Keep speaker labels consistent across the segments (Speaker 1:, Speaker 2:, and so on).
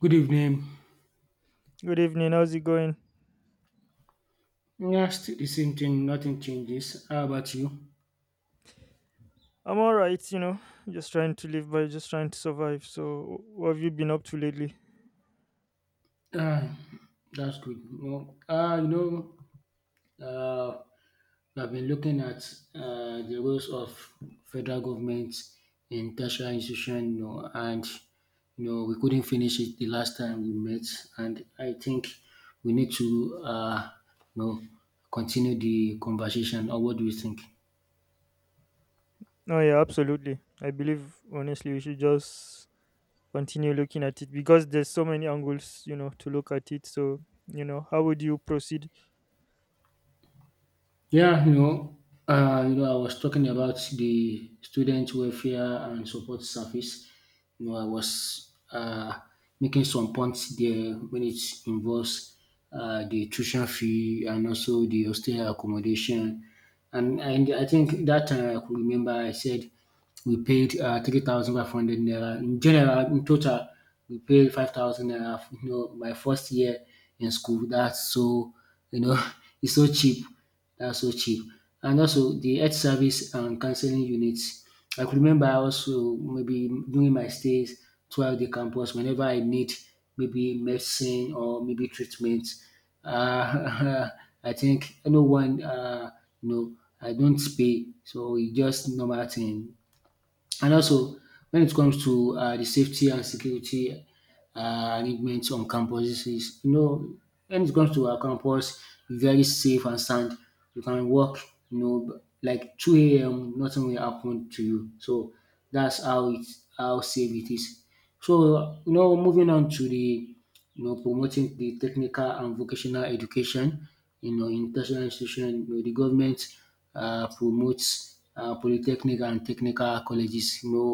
Speaker 1: Good evening.
Speaker 2: Good evening. How's it going?
Speaker 1: Yeah, still the same thing. Nothing changes. How about you?
Speaker 2: I'm all right, just trying to survive. So, what have you been up to lately?
Speaker 1: Ah, that's good. No, ah, you know, uh, I've been looking at the roles of federal government in tertiary institution, you know, and you know we couldn't finish it the last time we met, and I think we need to, you know, continue the conversation. Or what do you think?
Speaker 2: Oh, yeah, absolutely. I believe, honestly, we should just continue looking at it because there's so many angles to look at it. So, how would you proceed?
Speaker 1: Yeah, you know, I was talking about the student welfare and support service. You know, I was making some points there when it involves the tuition fee and also the hostel accommodation. And I think that time I could remember I said we paid 3,500 naira. In general, in total, we paid 5,000 naira, you know, my first year in school. That's so, you know, it's so cheap. That's so cheap. And also the health service and counseling units. I could remember also maybe during my stays throughout the campus, whenever I need maybe medicine or maybe treatment, uh, I think no one. I don't pay. So it's just normal thing. And also, when it comes to the safety and security arrangements on campuses, is you know, when it comes to our campus, very safe and sound. You can walk, you know, like 2 a.m., nothing will happen to you. So that's how it's how safe it is. So you know, moving on to promoting the technical and vocational education, you know, in tertiary institution, you know, the government promotes polytechnic and technical colleges. You know,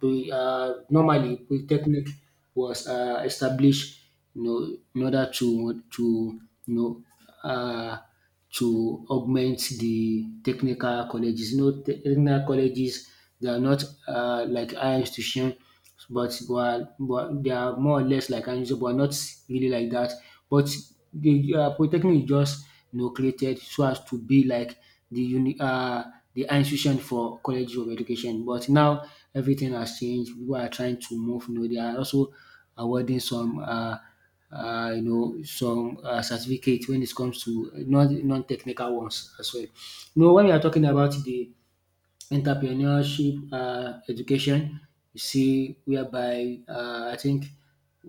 Speaker 1: the, uh, Normally polytechnic was established, you know, in order to you know. Uh, to augment the technical colleges. You know, technical colleges they are not like higher institution, but, but they are more or less like higher institution, but not really like that. But the polytechnic is just you know created so as to be like the uni uh, the higher institution for colleges of education. But now everything has changed. People are trying to move. You know, they are also awarding some. You know, some certificate when it comes to non technical ones as well. You know, when we are talking about the entrepreneurship education, you see whereby I think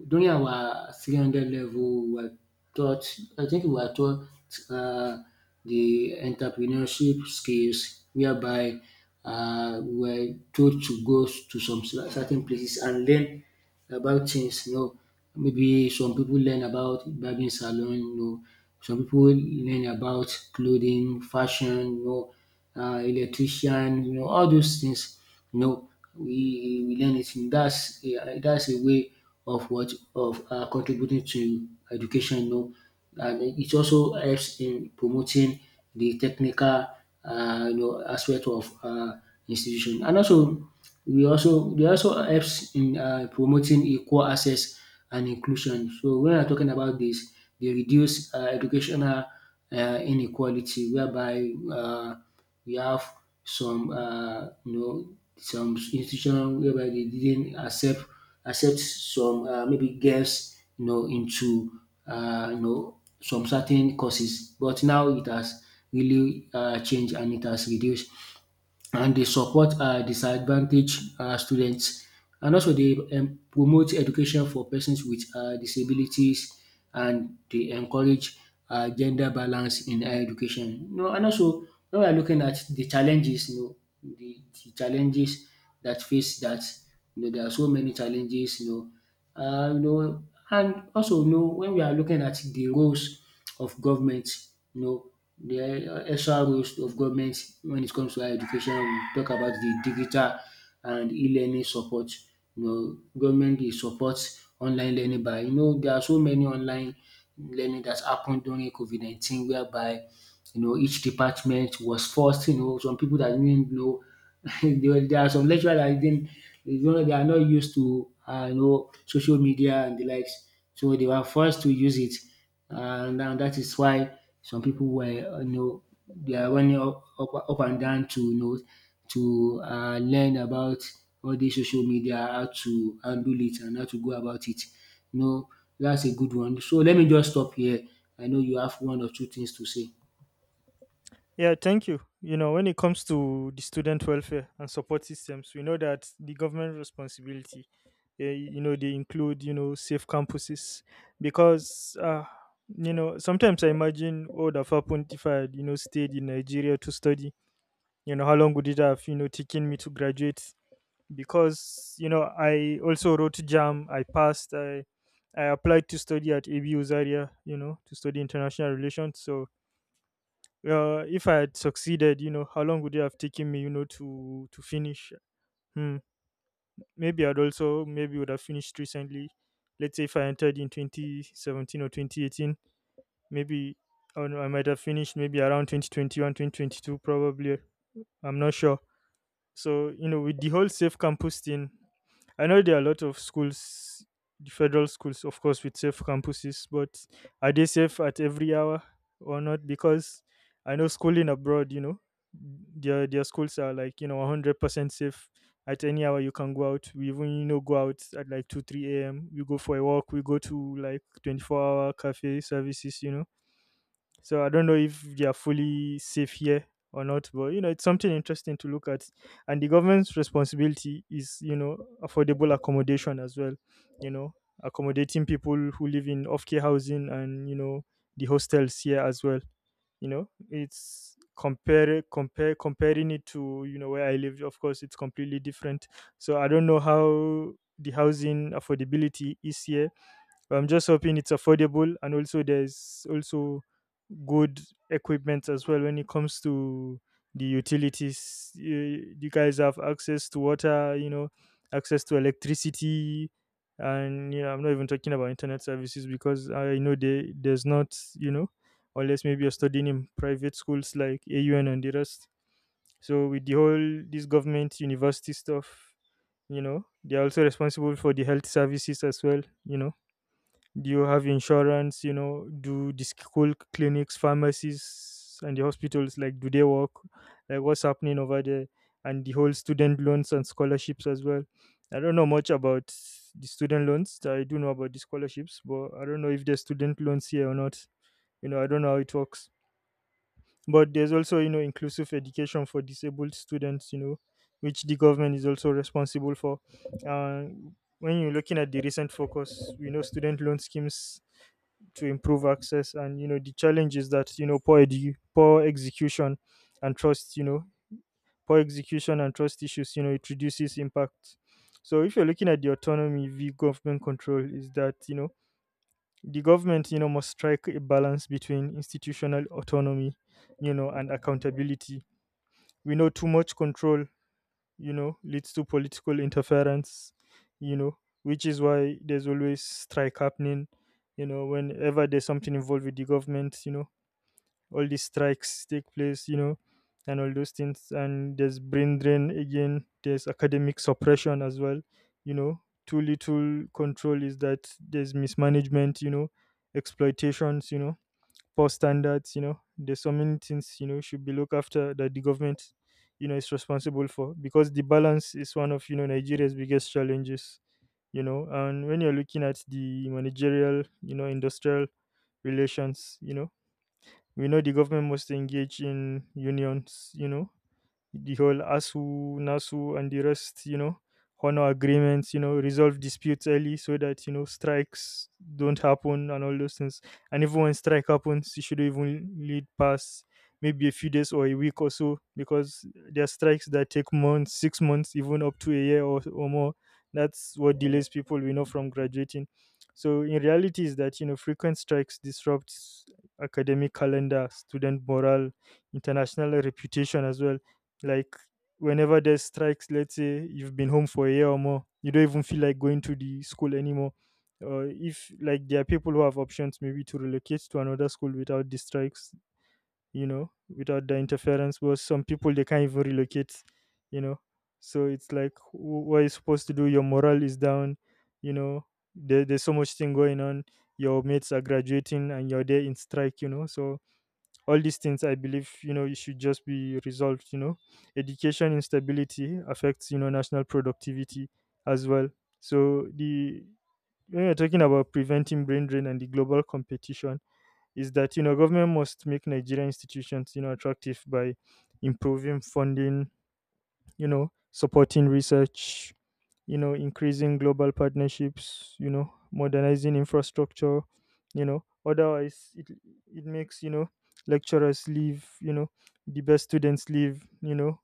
Speaker 1: during our 300 level we were taught taught um the entrepreneurship skills whereby we were told to go to some certain places and learn about things you know maybe some people learn about barbing salon you know some people learn about clothing, fashion you know electrician you know all those things. You know, we learn it. That's a way of what of contributing to education. You know, and it also helps in promoting the technical you know aspect of institution, and also we also they also helps in promoting equal access and inclusion. So when I'm talking about this, they reduce educational inequality whereby we have some you know some institution whereby they didn't accept some maybe girls you know into you know some certain courses but now it has really changed and it has reduced, and they support disadvantaged students, and also they promote education for persons with disabilities, and they encourage gender balance in higher education. You know and also when we are looking at the challenges you know the challenges that face that you know there are so many challenges you know uh, you know, and also you know when we are looking at the roles of government, you know, the extra roles of government when it comes to higher education, we talk about the digital and e-learning support. You know, government dey support online learning by you know there are so many online learning that happened during COVID 19 whereby you know each department was forced. You know, some people that didn't know there are some lecturer that didn't you know they are not used to you know social media and the likes, so they were forced to use it, and that is why some people were you know they are running up and down to you know to learn about all the social media, how to handle it and how to go about it. You know that's a good one. So let me just stop here. I know you have one or two things to say.
Speaker 2: Yeah, thank you. When it comes to the student welfare and support systems, we know that the government responsibility, eh, they include, safe campuses because, sometimes I imagine what would have happened if I had, stayed in Nigeria to study. How long would it have, taken me to graduate? Because, I also wrote JAM, I passed, I applied to study at ABU Zaria, to study international relations. So, if I had succeeded, how long would it have taken me, to finish? Hmm. Maybe I'd also maybe would have finished recently. Let's say if I entered in 2017 or 2018, maybe I don't know, I might have finished maybe around 2021, 2022, probably. I'm not sure. So, with the whole safe campus thing, I know there are a lot of schools, the federal schools, of course, with safe campuses, but are they safe at every hour or not? Because I know schooling abroad, their schools are like 100% safe. At any hour you can go out. We even go out at like 2 3 a.m. We go for a walk. We go to like 24-hour cafe services. So I don't know if they are fully safe here or not, but it's something interesting to look at. And the government's responsibility is, affordable accommodation as well, you know, accommodating people who live in off care housing and, the hostels here as well. It's compare compare comparing it to, where I live. Of course it's completely different. So I don't know how the housing affordability is here. I'm just hoping it's affordable, and also there's also good equipment as well when it comes to the utilities. You guys have access to water, access to electricity, and I'm not even talking about internet services because I know there's not, unless maybe you're studying in private schools like AUN and the rest. So with the whole this government university stuff, they're also responsible for the health services as well. Do you have insurance? Do the school clinics, pharmacies, and the hospitals, like, do they work? Like, what's happening over there? And the whole student loans and scholarships as well. I don't know much about the student loans. I do know about the scholarships, but I don't know if there's student loans here or not. I don't know how it works. But there's also inclusive education for disabled students, which the government is also responsible for. uh, when you're looking at the recent focus, we know student loan schemes to improve access, and the challenge is that, poor execution and trust. Poor execution and trust issues, it reduces impact. So if you're looking at the autonomy v government control, is that the government, must strike a balance between institutional autonomy, and accountability. We know too much control, leads to political interference, you know which is why there's always strike happening, whenever there's something involved with the government, all these strikes take place, and all those things. And there's brain drain again, there's academic suppression as well. Too little control is that there's mismanagement, exploitations, poor standards. There's so many things, should be looked after that the government, is responsible for, because the balance is one of, Nigeria's biggest challenges. And when you're looking at the managerial, industrial relations, we know the government must engage in unions, the whole ASU, NASU, and the rest, honor agreements, resolve disputes early, so that, strikes don't happen and all those things. And even when strike happens, it should even lead past maybe a few days or a week or so, because there are strikes that take months, 6 months, even up to a year or more. That's what delays people, we know, from graduating. So in reality is that, frequent strikes disrupts academic calendar, student morale, international reputation as well, like whenever there's strikes, let's say you've been home for a year or more, you don't even feel like going to the school anymore. Or, if like, there are people who have options maybe to relocate to another school without the strikes, without the interference. But some people they can't even relocate, you know. So it's like, what are you supposed to do? Your morale is down, you know. There's so much thing going on. Your mates are graduating and you're there in strike. So all these things I believe, it should just be resolved. Education instability affects, national productivity as well. So the, when you're talking about preventing brain drain and the global competition, is that government must make Nigerian institutions attractive by improving funding, supporting research, increasing global partnerships, modernizing infrastructure. Otherwise, it makes lecturers leave, the best students leave,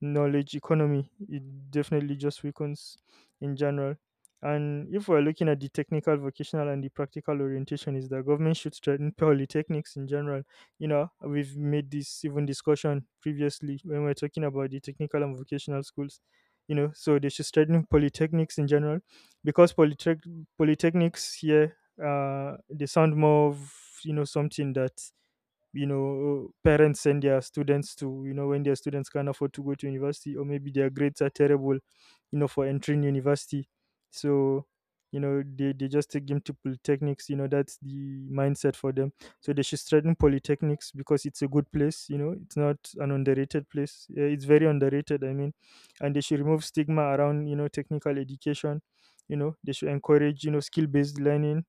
Speaker 2: knowledge economy. It definitely just weakens in general. And if we're looking at the technical, vocational, and the practical orientation, is that government should strengthen polytechnics in general. We've made this even discussion previously when we are talking about the technical and vocational schools. So they should strengthen polytechnics in general, because polytechnics here, they sound more of something that parents send their students to when their students can't afford to go to university or maybe their grades are terrible, for entering university. So they just take them to polytechnics, that's the mindset for them. So they should strengthen polytechnics because it's a good place, it's not an underrated place. Yeah, it's very underrated, I mean. And they should remove stigma around, technical education. They should encourage, skill based learning,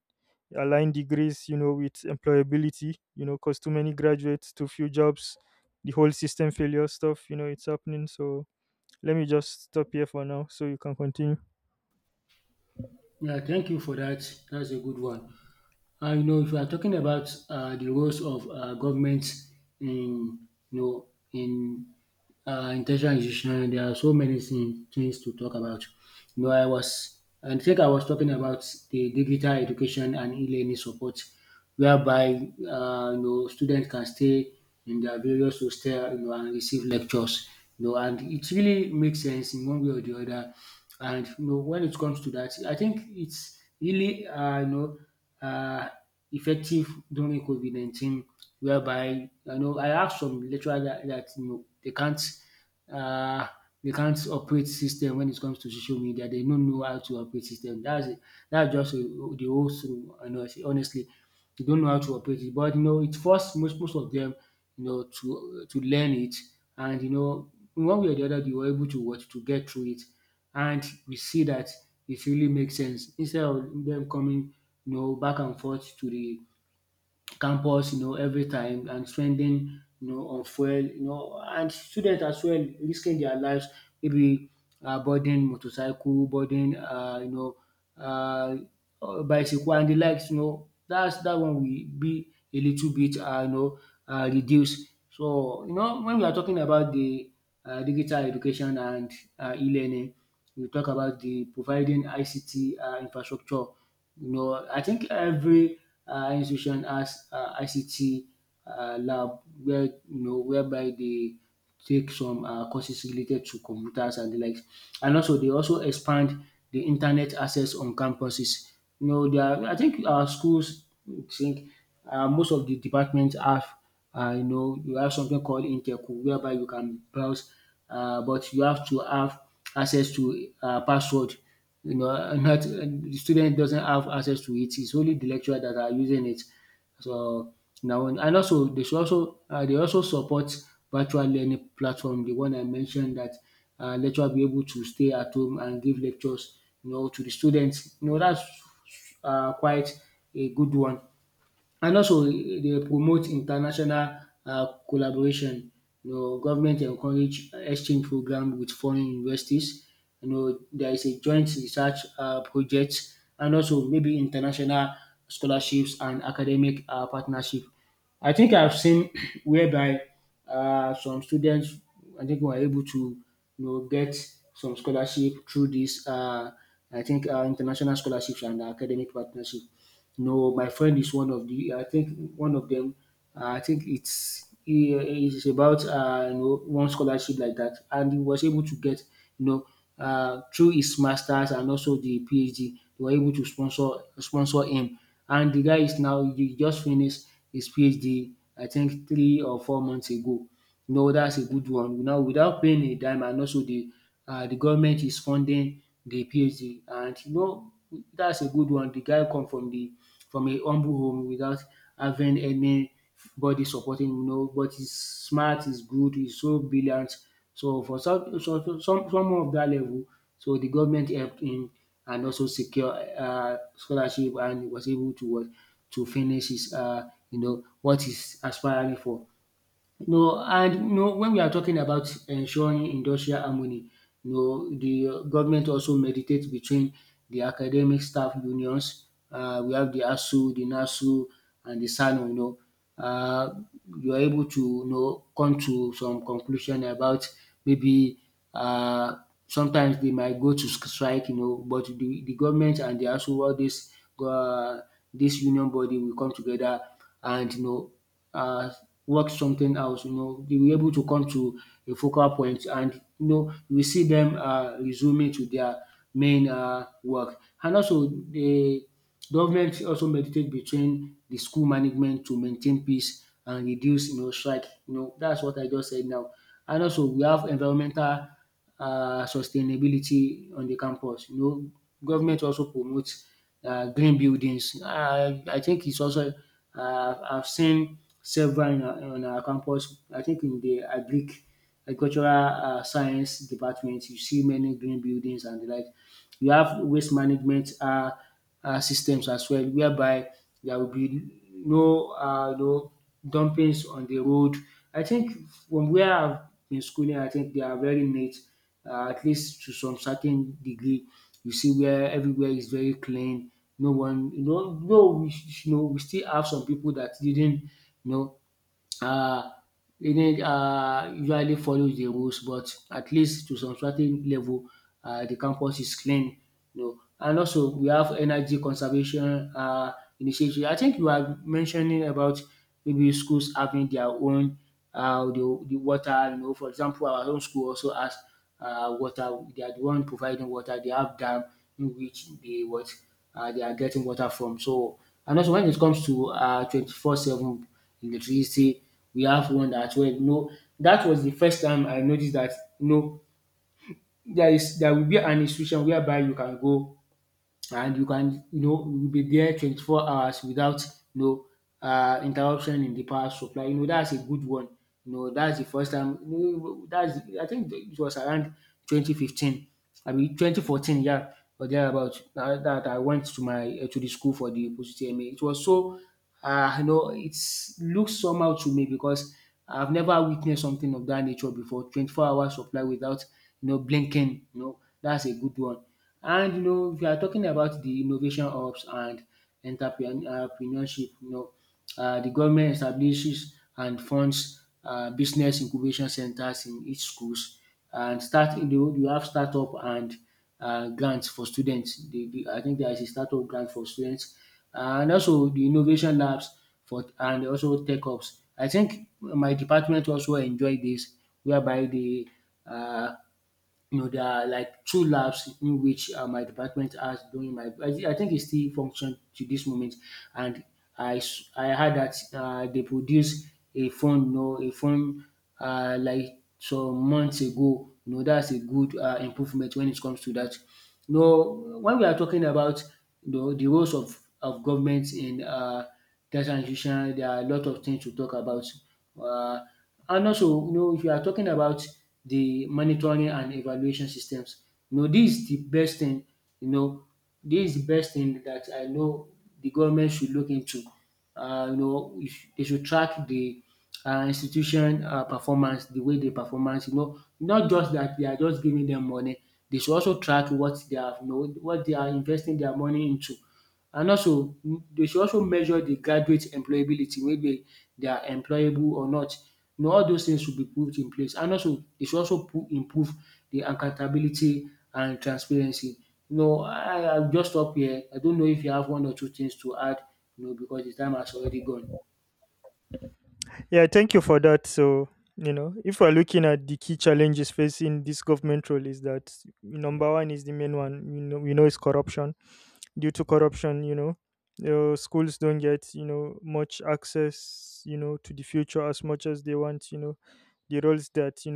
Speaker 2: align degrees, with employability, because too many graduates, too few jobs, the whole system failure stuff, it's happening. So let me just stop here for now so you can continue.
Speaker 1: Yeah, thank you for that. That's a good one. You know, if you are talking about the roles of government in, you know, in intentional institution, there are so many things to talk about. You know, I think I was talking about the digital education and e-learning support, whereby you know students can stay in their various hostel, you know, and receive lectures. You know, and it really makes sense in one way or the other. And you know, when it comes to that, I think it's really uh, effective during COVID 19 whereby you know I have some lecturer that dat you know um they can't operate system when it comes to social media. They don't know how to operate system. That's just the whole thing. Honestly. Honestly, they don't know how to operate it. But you know it forced most of them, you know to learn it and you know in one way or the other they were able to what to get through it. And we see that it really makes sense instead of them coming you know back and forth to the campus you know every time and spending you know on fuel you know and students as well risking their lives maybe boarding motorcycle, boarding um bicycle and the likes you know dats that one will be a little bit reduced. So you know when we are talking about the digital education and e-learning we talk about the providing ICT infrastructure, you know, I think every institution has ICT lab where you know whereby they take some courses related to computers and the likes, and also they also expand the internet access on campuses. You know, there are, I think our schools think most of the departments have you know you have something called interco whereby you can browse, but you have to have access to password you know, and the student doesn't have access to it. It's only the lecturer that are using it. So now and also they should also they also support virtual learning platform, the one I mentioned that lecturer be able to stay at home and give lectures, you know, to the students. You know, that's quite a good one. And also they promote international collaboration. You know government encourage exchange program with foreign universities. You know there is a joint research project, and also maybe international scholarships and academic partnership. I think I've seen whereby some students I think were able to you know get some scholarship through this I think international scholarships and academic partnership. No, my friend is one of the. I think one of them. I think it's he is about you know one scholarship like that, and he was able to get you know through his masters and also the PhD. They were able to sponsor him, and the guy is now he just finished his PhD, I think 3 or 4 months ago. You know that's a good one. Now without paying a dime and also the government is funding the PhD and you know that's a good one. The guy come from the from a humble home without having anybody supporting you know but he's smart, he's good, he's so brilliant. So for some so, so, some someone of that level, so the government helped him and also secure scholarship and he was able to what to finish his you know what he's aspiring for. No, and no when we are talking about ensuring industrial harmony, no, know, the government also meditates between the academic staff unions. We have the ASU, the NASU, and the SANU, you know. uh, you are able to you know come to some conclusion about maybe uh sometimes they might go to strike you know but the government and the ASU, all this uh union body will come together and you know uh, work something else. They were able to come to a focal point and we see them resuming to their main work. And also the government also mediate between the school management to maintain peace and reduce strike. That's what I just said now. And also we have environmental sustainability on the campus. Government also promotes green buildings. I think it's also I've seen several in our on our campus. I think in the agricultural science department you see many green buildings and the like. You have waste management systems as well whereby there will be no dumpings on the road. I think from where I've been schooling I think they are very neat at least to some certain degree. You see where everywhere is very clean, no one though we sh- you know, we still have some people that didn't you know uh, Union usually follows the rules, but at least to some certain level, the campus is clean. And also we have energy conservation initiative. I think you are mentioning about maybe schools having their own the water. For example, our own school also has water. They are the one providing water. They have dam in which they what they are getting water from. So and also when it comes to 24/7 electricity. We have one as well, no. That was the first time I noticed that, no. There will be an institution whereby you can go and you can you be there 24 hours without you know interruption in the power supply. That's a good one. That's the first time. You know, that's i think it was around 2015. I mean 2014, yeah, or thereabout that I went to my to the school for the post tma. It was so it looks somehow to me because I've never witnessed something of that nature before 24-hour supply without blinking. That's a good one. And if you are talking about the innovation hubs and entrepreneurship, the government establishes and funds business incubation centers in each schools and start you know you have startup and grants for students. I think there is a startup grant for students and also the innovation labs for and also tech hubs. I think my department also enjoy this whereby they uh, there are like two labs in which my department has during my. I think it still functions to this moment, and I heard that they produce a phone, a phone like some months ago. That's a good improvement when it comes to that. When we are talking about the roles of government in terms and conditions, there are a lot of things to talk about. Uh, and also, if you are talking about the monitoring and evaluation systems, this is the best thing, you know, this is the best thing that I know the government should look into. If they should track the institution performance, the way they performance, not just that they are just giving them money, they should also track what they have, what they are investing their money into. And also dey should also measure de graduate employability whether they are employable or not. All those things should be put in place and also dey should also improve de accountability and transparency. I will just stop here. I don't know if you have one or two things to add because de time has already gone.
Speaker 2: Yeah, thank you for that. So if we're looking at the key challenges facing this government role, is that number one is the main one, we know, is corruption. Due to corruption, schools don't get, much access, to the future as much as they want, the roles that you